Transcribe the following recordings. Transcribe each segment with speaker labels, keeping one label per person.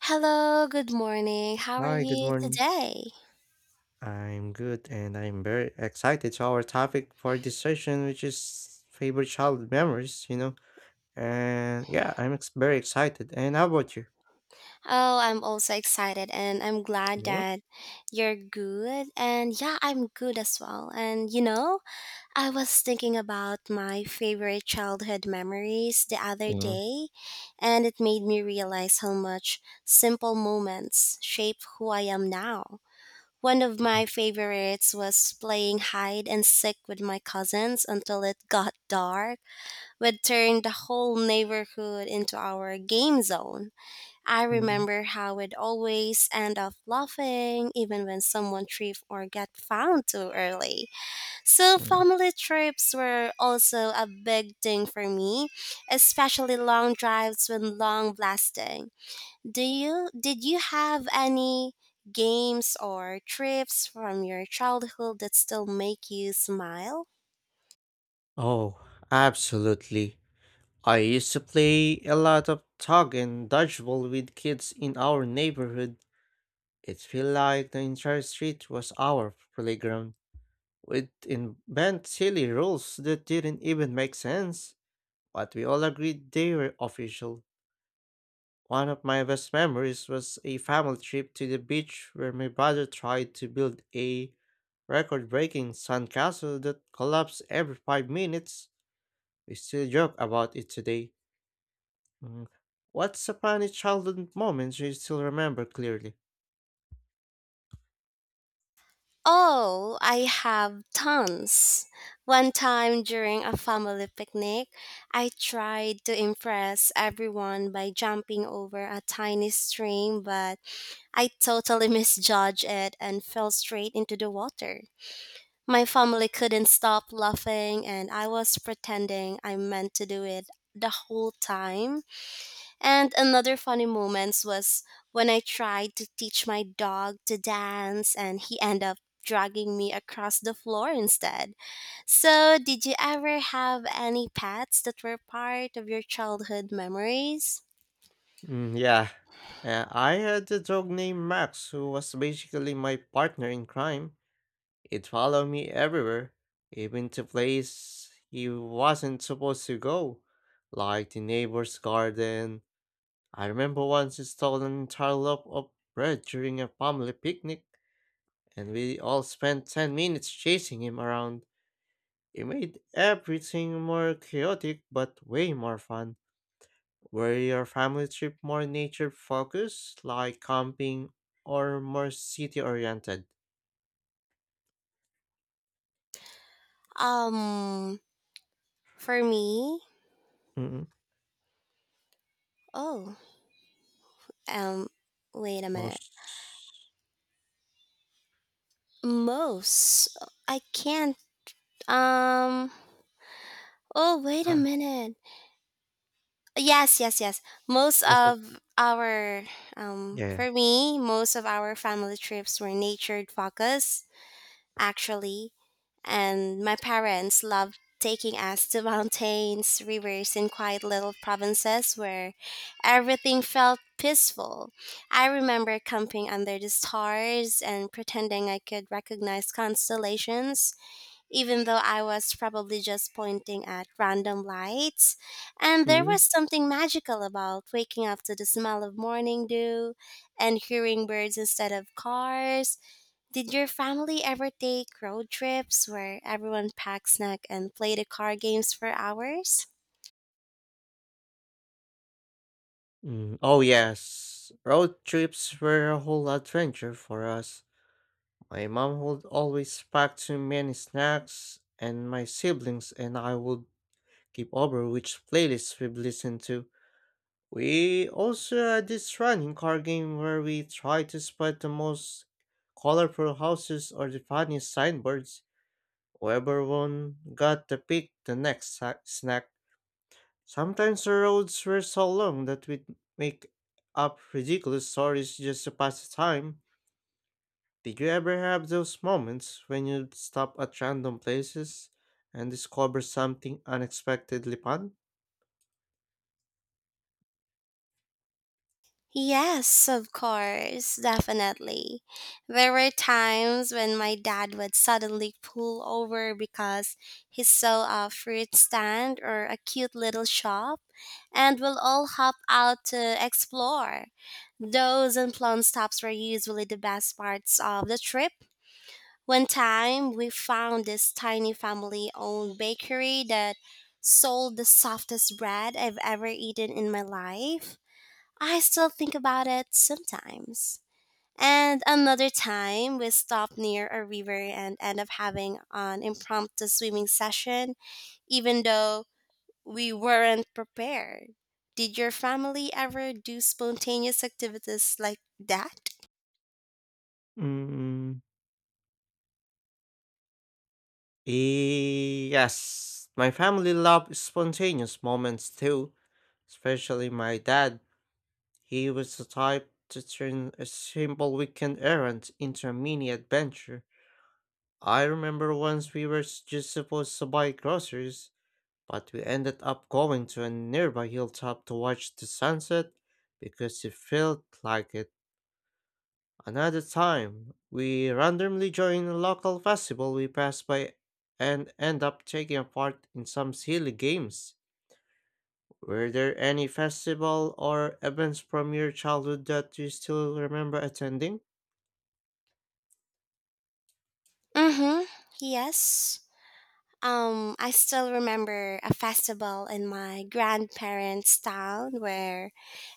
Speaker 1: Hello, good morning. How are
Speaker 2: Hi, good
Speaker 1: you
Speaker 2: morning.
Speaker 1: today?
Speaker 2: I'm good and I'm very excited to our topic for this session, which is favorite childhood memories. And yeah, I'm very excited. And how about you?
Speaker 1: Oh, I'm also excited and I'm glad that you're good. And yeah, I'm good as well. And you know, I was thinking about my favorite childhood memories the other
Speaker 2: Mm,
Speaker 1: day, and it made me realize how much simple moments shape who I am now. One of
Speaker 2: mm,
Speaker 1: my favorites was playing hide and seek with my cousins until it got dark would turn the whole neighborhood into our game zone. I
Speaker 2: mm,
Speaker 1: remember how we'd always end up laughing even when someone tripped or got found too early. So,
Speaker 2: mm.
Speaker 1: family trips were also a big thing for me, especially long drives when long blasting. Do you did you have any games or trips from your childhood that still make you smile?
Speaker 2: Oh, absolutely. I used to play a lot of tug and dodgeball with kids in our neighborhood. It felt like the entire street was our playground. We'd invent silly rules that didn't even make sense. But we all agreed they were official. One of my best memories was a family trip to the beach where my brother tried to build a record breaking sandcastle that collapsed every 5 minutes. We still joke about it today. Mm. What's a funny childhood moment you still remember clearly?
Speaker 1: Oh, I have tons. One time during a family picnic, I tried to impress everyone by jumping over a tiny stream, but I totally misjudged it and fell straight into the water. My family couldn't stop laughing, and I was pretending I meant to do it the whole time. And another funny moments was when I tried to teach my dog to dance and he ended up dragging me across the floor instead. So, did you ever have any pets that were part of your childhood memories?
Speaker 2: Mm, yeah. I had a dog named Max who was basically my partner in crime. It followed me everywhere, even to places he wasn't supposed to go, like the neighbor's garden. I remember once it stole an entire loaf of bread during a family picnic, and we all spent 10 minutes chasing him around. It made everything more chaotic but way more fun. Were your family trip more nature focused, like camping, or more city oriented?
Speaker 1: Um, for me,
Speaker 2: Mm,
Speaker 1: oh, um, wait a minute.
Speaker 2: most,
Speaker 1: Most, I can't, um, oh, wait a
Speaker 2: uh,
Speaker 1: minute. Yes, yes, yes. Most
Speaker 2: most of
Speaker 1: of our,
Speaker 2: yeah.
Speaker 1: for me, most of our family trips were nature focused, actually. And my parents loved taking us to mountains, rivers, and quiet little provinces where everything felt peaceful. I remember camping under the stars and pretending I could recognize constellations even though I was probably just pointing at random lights. And there
Speaker 2: Mhm,
Speaker 1: was something magical about waking up to the smell of morning dew and hearing birds instead of cars. Did your family ever take road trips where everyone packed snack and played the car games for hours?
Speaker 2: Oh, yes. Road trips were a whole adventure for us. My mom would always pack too many snacks, and my siblings and I would keep over which playlists we've listened to. We also had this running car game where we tried to spot the most colorful houses or the funniest signboards. Whoever won got to pick the next snack. Sometimes the roads were so long that we'd make up ridiculous stories just to pass the time. Did you ever have those moments when you'd stop at random places and discover something unexpectedly fun?
Speaker 1: Yes, of course, definitely. There were times when my dad would suddenly pull over because he saw a fruit stand or a cute little shop, and we'll all hop out to explore. Those and plum stops were usually the best parts of the trip. One time, we found this tiny family owned bakery that sold the softest bread I've ever eaten in my life. I still think about it sometimes. And another time, we stopped near a river and end up having an impromptu swimming session, even though we weren't prepared. Did your family ever do spontaneous activities like that?
Speaker 2: Mm, yes, my family loved spontaneous moments too, especially my dad. He was the type to turn a simple weekend errand into a mini adventure. I remember once we were just supposed to buy groceries, but we ended up going to a nearby hilltop to watch the sunset because it felt like it. Another time, we randomly joined a local festival we passed by and end up taking a part in some silly games. Were there any festival or events from your childhood that you still remember attending?
Speaker 1: Mm-hmm. Yes. I still remember a festival in my grandparents' town where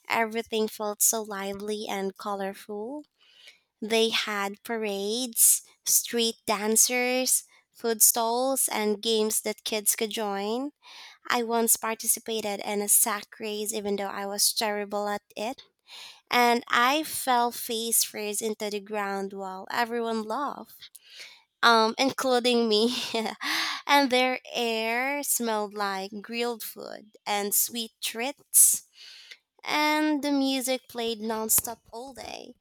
Speaker 1: everything felt so lively and colorful. They had parades, street dancers, food stalls, and games that kids could join. I once participated in a sack race even though I was terrible at it, and I fell face first into the ground while everyone laughed, including me. And their air smelled like grilled food and sweet treats and the music played nonstop all day.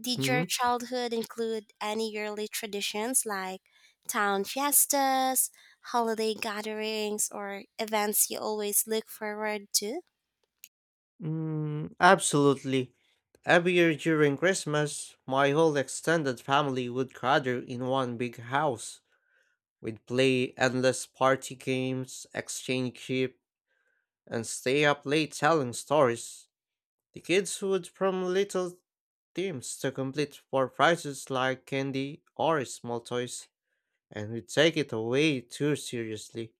Speaker 1: Did
Speaker 2: Hmm?
Speaker 1: your childhood include any yearly traditions like town fiestas, holiday gatherings, or events you always look forward to?
Speaker 2: Mm, absolutely. Every year during Christmas, my whole extended family would gather in one big house. We'd play endless party games, exchange chip, and stay up late telling stories. The kids would from little themes to complete for prizes like candy or small toys, and we take it away too seriously.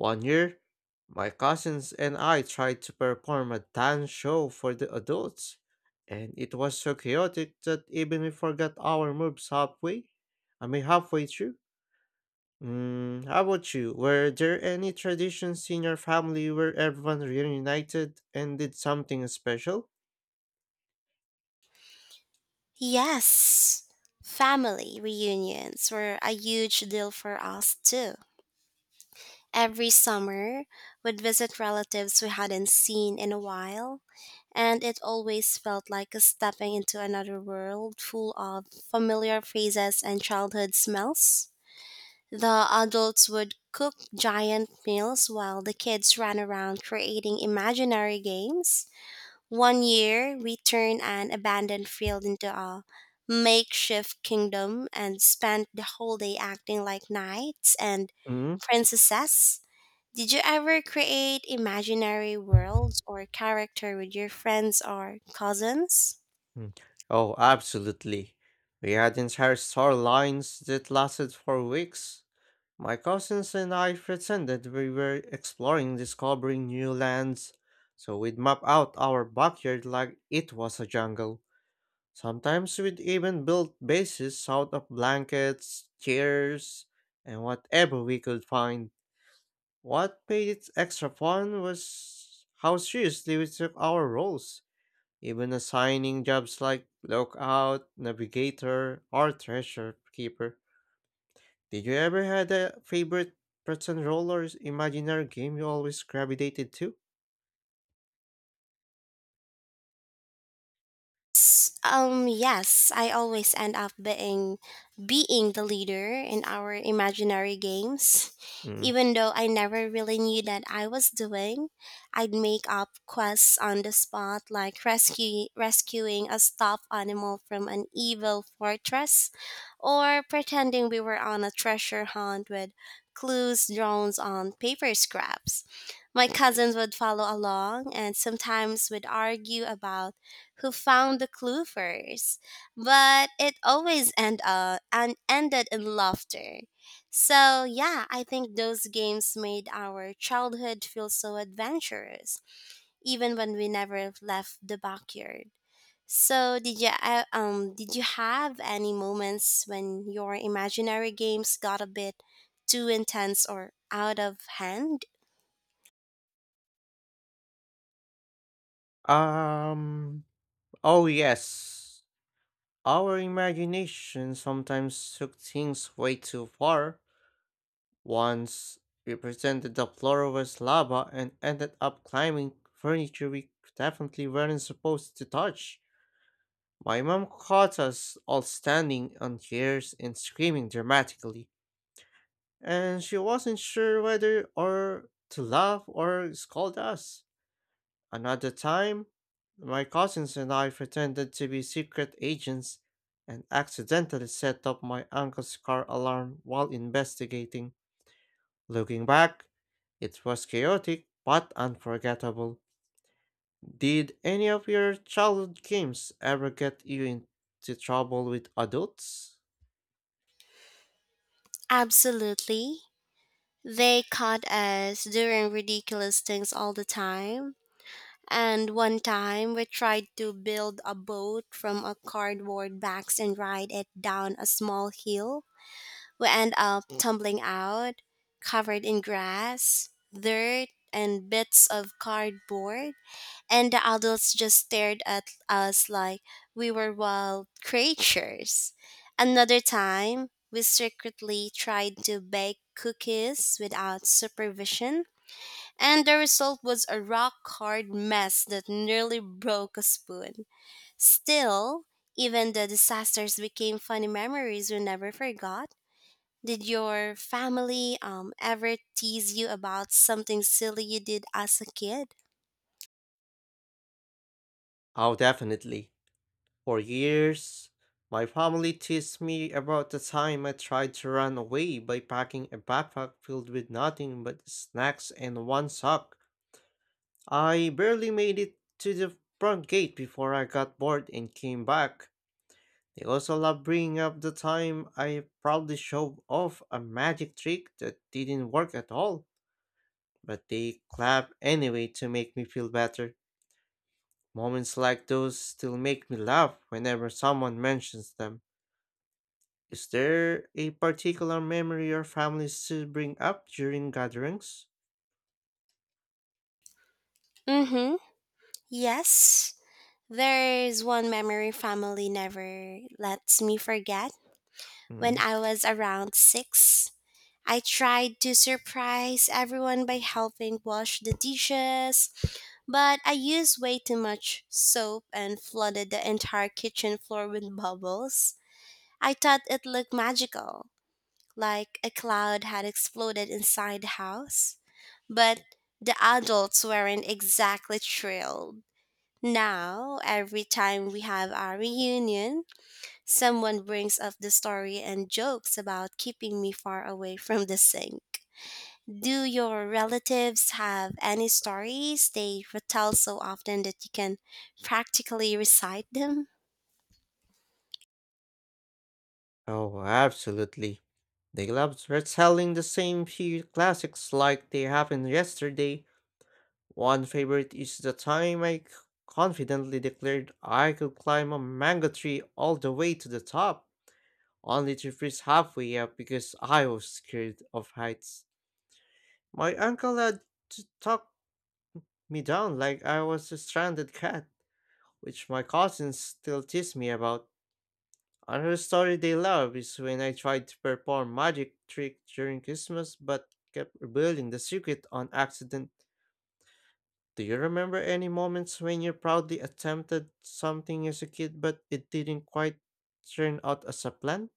Speaker 2: One year, my cousins and I tried to perform a dance show for the adults, and it was so chaotic that even we forgot our moves halfway. I mean, halfway through. Mm, how about you? Were there any traditions in your family where everyone reunited and did something special?
Speaker 1: Yes, family reunions were a huge deal for us too. Every summer, we'd visit relatives we hadn't seen in a while, and it always felt like stepping into another world full of familiar faces and childhood smells. The adults would cook giant meals while the kids ran around creating imaginary games. One year, we turned an abandoned field into a makeshift kingdom and spent the whole day acting like knights and
Speaker 2: Mm?
Speaker 1: princesses. Did you ever create imaginary worlds or character with your friends or cousins?
Speaker 2: Mm. Oh, absolutely. We had entire storylines that lasted for weeks. My cousins and I pretended we were exploring discovering new lands, so we'd map out our backyard like it was a jungle. Sometimes we'd even build bases out of blankets, chairs, and whatever we could find. What made it extra fun was how seriously we took our roles, even assigning jobs like lookout, navigator, or treasure keeper. Did you ever had a favorite pretend role or imaginary game you always gravitated to?
Speaker 1: Yes, I always end up being the leader in our imaginary games.
Speaker 2: Mm.
Speaker 1: Even though I never really knew that I was doing, I'd make up quests on the spot like rescue rescuing a stuffed animal from an evil fortress or pretending we were on a treasure hunt with clues drawn on paper scraps. My cousins would follow along and sometimes would argue about who found the clue first, but it always end up and ended in laughter. So yeah, I think those games made our childhood feel so adventurous, even when we never left the backyard. So did you have any moments when your imaginary games got a bit too intense or out of hand?
Speaker 2: Um. Oh yes, our imagination sometimes took things way too far. Once we pretended the floor was lava and ended up climbing furniture we definitely weren't supposed to touch. My mom caught us all standing on chairs and screaming dramatically, and she wasn't sure whether or to laugh or scold us. Another time, my cousins and I pretended to be secret agents and accidentally set up my uncle's car alarm while investigating. Looking back, it was chaotic but unforgettable. Did any of your childhood games ever get you into trouble with adults?
Speaker 1: Absolutely. They caught us doing ridiculous things all the time. And one time we tried to build a boat from a cardboard box and ride it down a small hill. We end up tumbling out, covered in grass, dirt, and bits of cardboard. And the adults just stared at us like we were wild creatures. Another time, we secretly tried to bake cookies without supervision and the result was a rock hard mess that nearly broke a spoon. Still, even the disasters became funny memories we never forgot. Did your family ever tease you about something silly you did as a kid?
Speaker 2: Oh, definitely. For years, my family teased me about the time I tried to run away by packing a backpack filled with nothing but snacks and one sock. I barely made it to the front gate before I got bored and came back. They also love bringing up the time I proudly showed off a magic trick that didn't work at all, but they clap anyway to make me feel better. Moments like those still make me laugh whenever someone mentions them. Is there a particular memory your family still bring up during gatherings?
Speaker 1: Mm-hmm. Yes. There's one memory family never lets me forget. When
Speaker 2: Mm.
Speaker 1: I was around six, I tried to surprise everyone by helping wash the dishes, but I used way too much soap and flooded the entire kitchen floor with bubbles. I thought it looked magical, like a cloud had exploded inside the house, but the adults weren't exactly thrilled. Now, every time we have our reunion, someone brings up the story and jokes about keeping me far away from the sink. Do your relatives have any stories they retell so often that you can practically recite them?
Speaker 2: Oh, absolutely. They love retelling the same few classics like they happened yesterday. One favorite is the time I confidently declared I could climb a mango tree all the way to the top, only to freeze halfway up because I was scared of heights. My uncle had to talk me down like I was a stranded cat, which my cousins still tease me about. Another story they love is when I tried to perform magic trick during Christmas but kept revealing the secret on accident. Do you remember any moments when you proudly attempted something as a kid but it didn't quite turn out as a plan?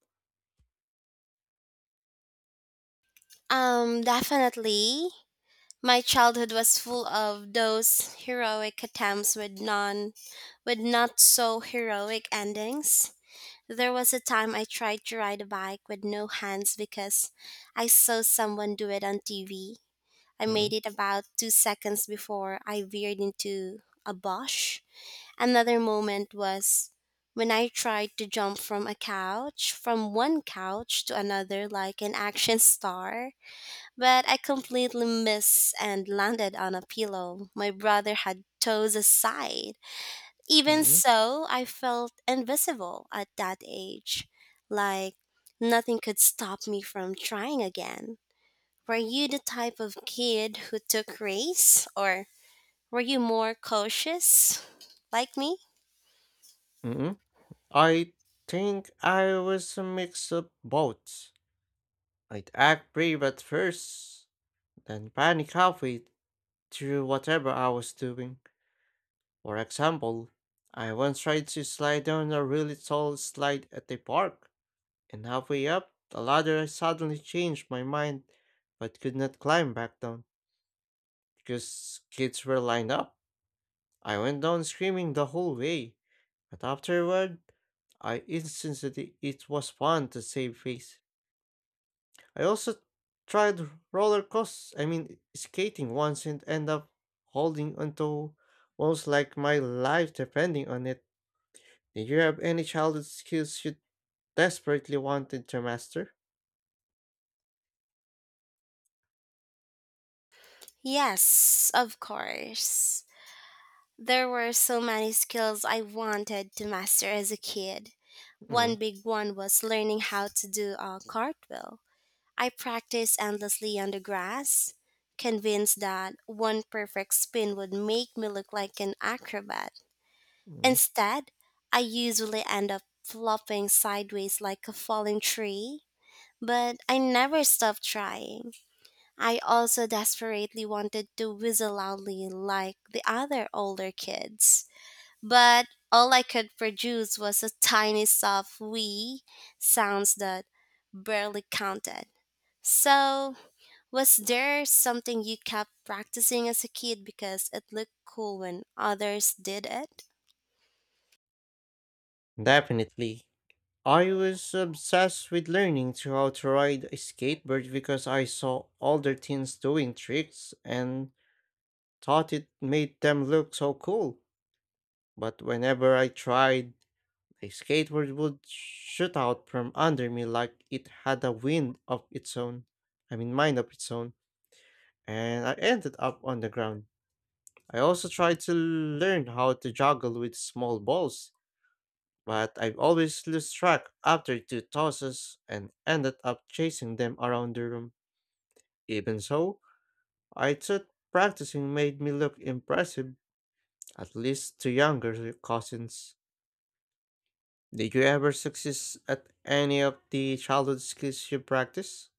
Speaker 1: Definitely. My childhood was full of those heroic attempts with non with not so heroic endings. There was a time I tried to ride a bike with no hands because I saw someone do it on TV. I made
Speaker 2: Mm,
Speaker 1: it about two seconds before I veered into a bush. Another moment was when I tried to jump from a couch, from one couch to another like an action star, but I completely missed and landed on a pillow. My brother had toes aside. Even
Speaker 2: mm,
Speaker 1: so, I felt invisible at that age, like nothing could stop me from trying again. Were you the type of kid who took risks, or were you more cautious like me?
Speaker 2: mm. I think I was a mix of both. I'd act brave at first, then panic halfway through whatever I was doing. For example, I once tried to slide down a really tall slide at a park, and halfway up the ladder I suddenly changed my mind but could not climb back down because kids were lined up. I went down screaming the whole way, but afterward, I instantly it was fun to save face. I also tried roller coast I mean skating once and end up holding onto almost like my life depending on it. Did you have any childhood skills you desperately wanted to master?
Speaker 1: Yes, of course. There were so many skills I wanted to master as a kid. One
Speaker 2: Mm,
Speaker 1: big one was learning how to do a cartwheel. I practiced endlessly on the grass, convinced that one perfect spin would make me look like an acrobat.
Speaker 2: mm,
Speaker 1: Instead, I usually end up flopping sideways like a falling tree, but I never stopped trying. I also desperately wanted to whistle loudly like the other older kids, but all I could produce was a tiny soft wee sounds that barely counted. So, was there something you kept practicing as a kid because it looked cool when others did it?
Speaker 2: Definitely. I was obsessed with learning to how to ride a skateboard because I saw older teens doing tricks and thought it made them look so cool. But whenever I tried, a skateboard would shoot out from under me like it had a wind of its own. I mean, mind of its own. And I ended up on the ground. I also try to learn how to juggle with small balls, but I always lose track after two tosses and ended up chasing them around the room. Even so, I thought practicing made me look impressive, at least to younger cousins. Did you ever succeed at any of the childhood skills you practice?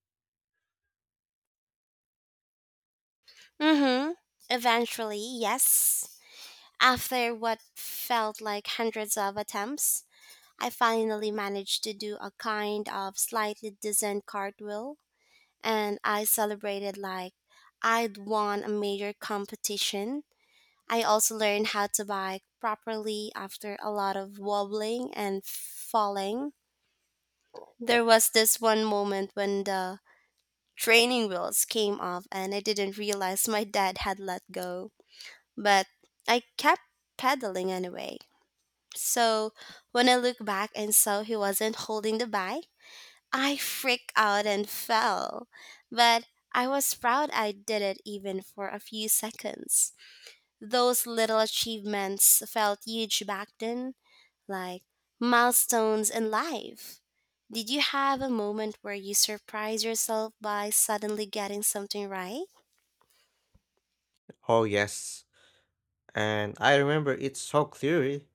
Speaker 1: Mm-hmm. Eventually, yes. After what felt like hundreds of attempts, I finally managed to do a kind of slightly decent cartwheel, and I celebrated like I'd won a major competition. I also learned how to bike properly after a lot of wobbling and falling. There was this one moment when the training wheels came off, and I didn't realize my dad had let go. But I kept pedaling anyway. So when I looked back and saw he wasn't holding the bike, I freaked out and fell. But I was proud I did it even for a few seconds. Those little achievements felt huge back then, like milestones in life. Did you have a moment where you surprised yourself by suddenly getting something right?
Speaker 2: Oh yes, and I remember it so clearly.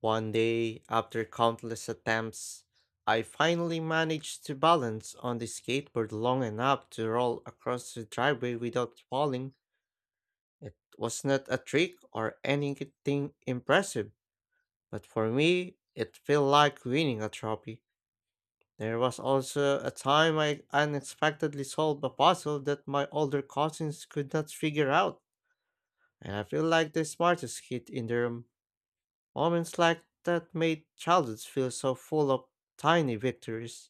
Speaker 2: One day, after countless attempts, I finally managed to balance on the skateboard long enough to roll across the driveway without falling. It was not a trick or anything impressive, but for me, it felt like winning a trophy. There was also a time I unexpectedly solved a puzzle that my older cousins could not figure out, and I feel like the smartest kid in the room. Moments like that made childhood feel so full of tiny victories.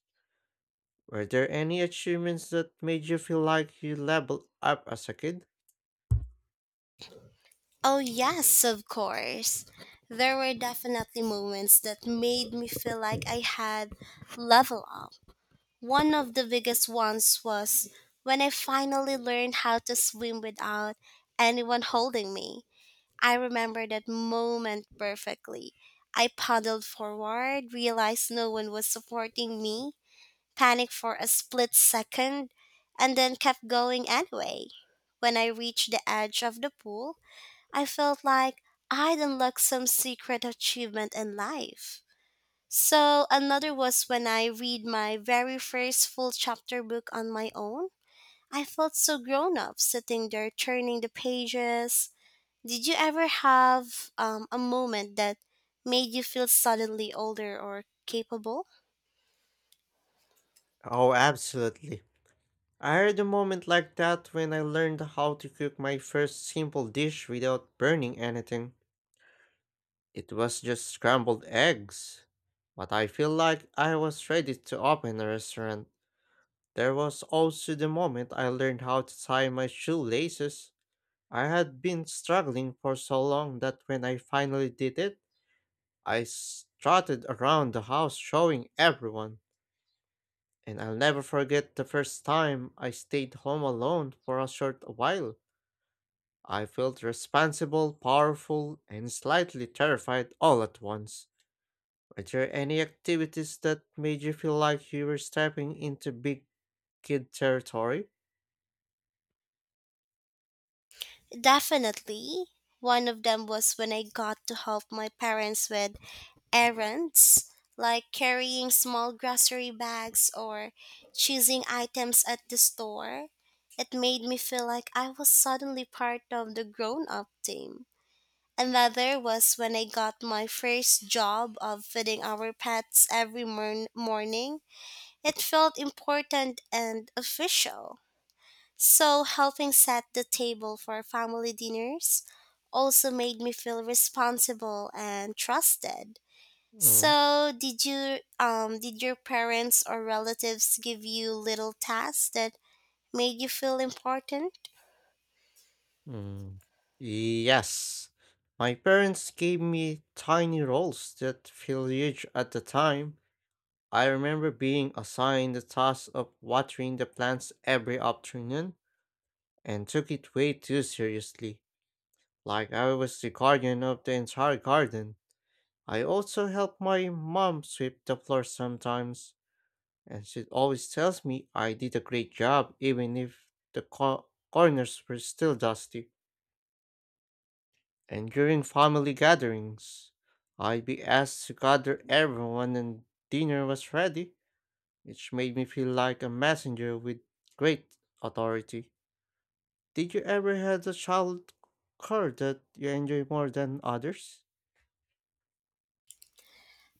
Speaker 2: Were there any achievements that made you feel like you leveled up as a kid?
Speaker 1: Oh, yes, of course. There were definitely moments that made me feel like I had level up. One of the biggest ones was when I finally learned how to swim without anyone holding me. I remember that moment perfectly. I paddled forward, realized no one was supporting me, panicked for a split second, and then kept going anyway. When I reached the edge of the pool, I felt like I'd unlocked some secret achievement in life. So, another was when I read my very first full chapter book on my own. I felt so grown up sitting there turning the pages. Did you ever have a moment that made you feel suddenly older or capable?
Speaker 2: Oh, absolutely. I had a moment like that when I learned how to cook my first simple dish without burning anything. It was just scrambled eggs. But I feel like I was ready to open a restaurant. There was also the moment I learned how to tie my shoelaces. I had been struggling for so long that when I finally did it, I strutted around the house showing everyone. And I'll never forget the first time I stayed home alone for a short while. I felt responsible, powerful, and slightly terrified all at once. Were there any activities that made you feel like you were stepping into big kid territory?
Speaker 1: Definitely. One of them was when I got to help my parents with errands, like carrying small grocery bags or choosing items at the store. It made me feel like I was suddenly part of the grown up team. Another was when I got my first job of feeding our pets every morning. It felt important and official. So, helping set the table for family dinners also made me feel responsible and trusted.
Speaker 2: Mm.
Speaker 1: So, did you did your parents or relatives give you little tasks that made you feel important?
Speaker 2: Mm. Yes. My parents gave me tiny roles that feel huge at the time. I remember being assigned the task of watering the plants every afternoon and took it way too seriously, like I was the guardian of the entire garden. I also help my mom sweep the floor sometimes, and she always tells me I did a great job even if the corners were still dusty. And during family gatherings, I'd be asked to gather everyone and dinner was ready, which made me feel like a messenger with great authority. Did you ever have a child chore that you enjoy more than others?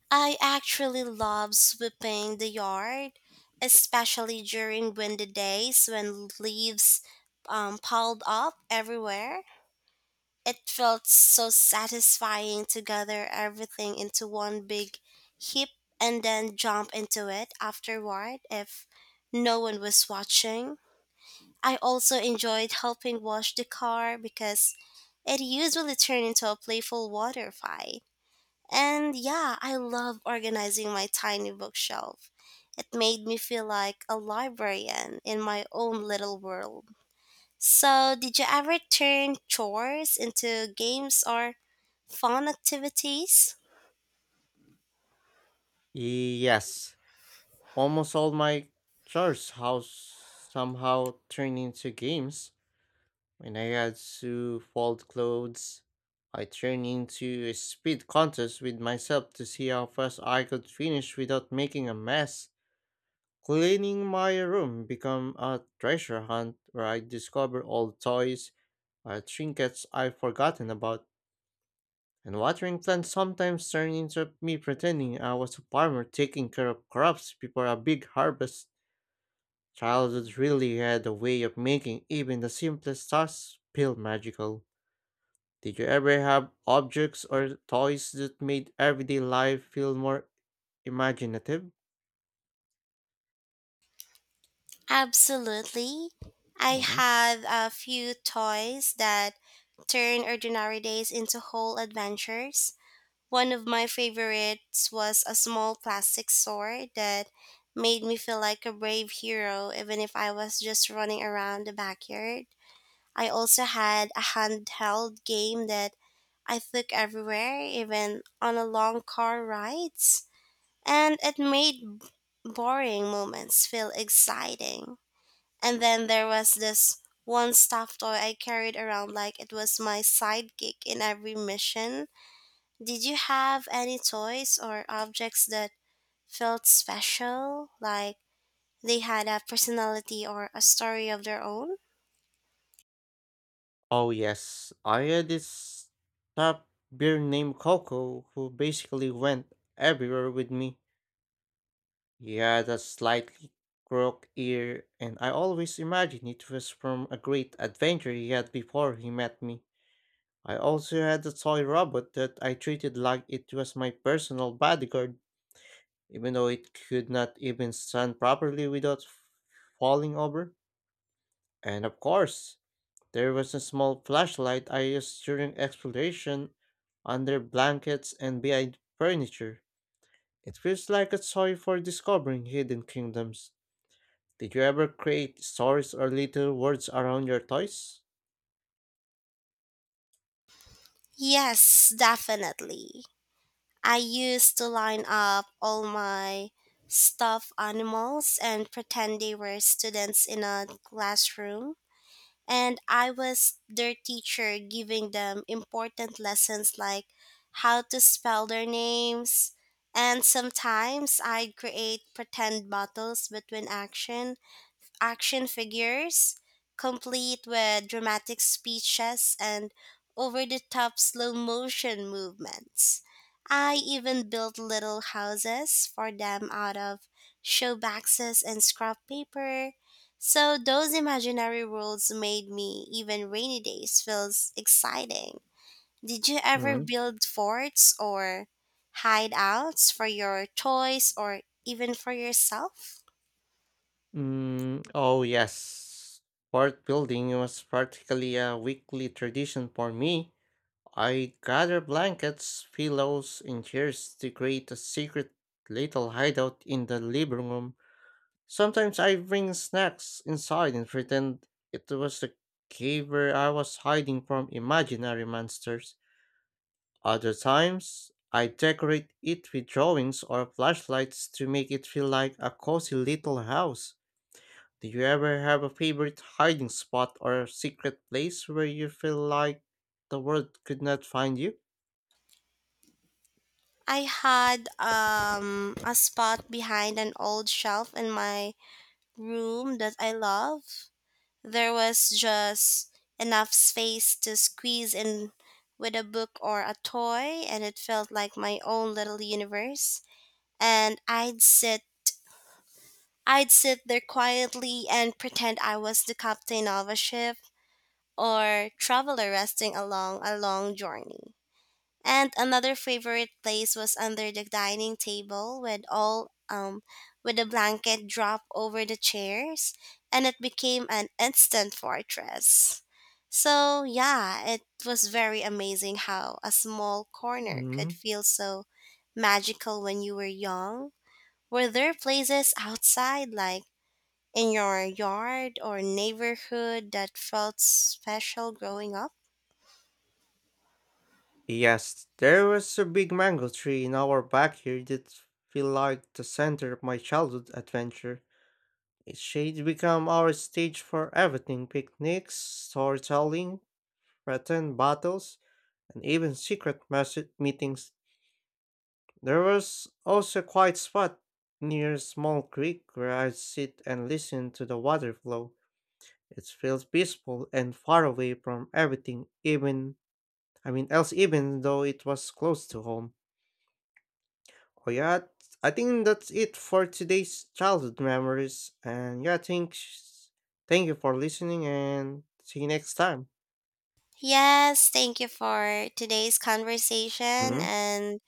Speaker 1: I actually love sweeping the yard, especially during windy days when leaves piled up everywhere. It felt so satisfying to gather everything into one big heap and then jump into it afterward if no one was watching. I also enjoyed helping wash the car because it usually turned into a playful water fight. And yeah, I love organizing my tiny bookshelf. It made me feel like a librarian in my own little world. So, did you ever turn chores into games or fun activities?
Speaker 2: Yes. Almost all my chores house somehow turned into games. When I had to fold clothes, I turned into a speed contest with myself to see how fast I could finish without making a mess. Cleaning my room became a treasure hunt where I discover old toys or trinkets I've forgotten about. And watering plants sometimes turned into me pretending I was a farmer taking care of crops before a big harvest. Childhood really had a way of making even the simplest tasks feel magical. Did you ever have objects or toys that made everyday life feel more imaginative?
Speaker 1: Absolutely. I
Speaker 2: Mhm.
Speaker 1: have a few toys that turn ordinary days into whole adventures. One of my favorites was a small plastic sword that made me feel like a brave hero even if I was just running around the backyard. I also had a handheld game that I took everywhere, even on a long car rides, and it made boring moments feel exciting. And then there was this one stuffed toy I carried around like it was my sidekick in every mission. Did you have any toys or objects that felt special, like they had a personality or a story of their own?
Speaker 2: Oh, yes. I had this top beer named Coco who basically went everywhere with me. Yeah, that slightly crook ear, and I always imagined it was from a great adventure he had before he met me. I also had a toy robot that I treated like it was my personal bodyguard, even though it could not even stand properly without falling over. And of course, there was a small flashlight I used during exploration under blankets and behind furniture. It feels like a toy for discovering hidden kingdoms. Did you ever create stories or little words around your toys?
Speaker 1: Yes, definitely. I used to line up all my stuffed animals and pretend they were students in a classroom, and I was their teacher giving them important lessons like how to spell their names. And sometimes I'd create pretend battles between action figures, complete with dramatic speeches and over the top slow motion movements. I even built little houses for them out of show boxes and scrap paper. So those imaginary worlds made me even rainy days feels exciting. Did you ever
Speaker 2: hmm
Speaker 1: build forts or hideouts for your toys or even for yourself?
Speaker 2: oh, yes. Fort building was practically a weekly tradition for me. I gather blankets, pillows, and chairs to create a secret little hideout in the living room. Sometimes I bring snacks inside and pretend it was the cave where I was hiding from imaginary monsters. Other times, I decorate it with drawings or flashlights to make it feel like a cozy little house. Do you ever have a favorite hiding spot or secret place where you feel like the world could not find you?
Speaker 1: I had a spot behind an old shelf in my room that I love. There was just enough space to squeeze in with a book or a toy, and it felt like my own little universe. And I'd sit there quietly and pretend I was the captain of a ship or traveler resting along a long journey. And another favorite place was under the dining table with all with a blanket drop over the chairs and it became an instant fortress. So yeah, it was very amazing how a small corner could
Speaker 2: Mm.
Speaker 1: feel so magical when you were young. Were there places outside like in your yard or neighborhood that felt special growing up?
Speaker 2: Yes, there was a big mango tree in our backyard that felt like the center of my childhood adventure. Its shade became our stage for everything picnics, storytelling, pretend battles, and even secret message meetings. There was also a quiet spot near a small creek where I'd sit and listen to the water flow. It felt peaceful and far away from everything, even I mean else even though it was close to home. Oh yeah, I think that's it for today's childhood memories. And yeah, thank you for listening and see you next time.
Speaker 1: Yes, thank you for today's conversation.
Speaker 2: Mm-hmm.
Speaker 1: And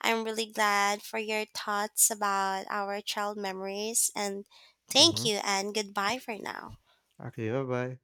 Speaker 1: I'm really glad for your thoughts about our child memories. And thank
Speaker 2: Mm-hmm.
Speaker 1: you, and goodbye for now.
Speaker 2: Okay, bye bye.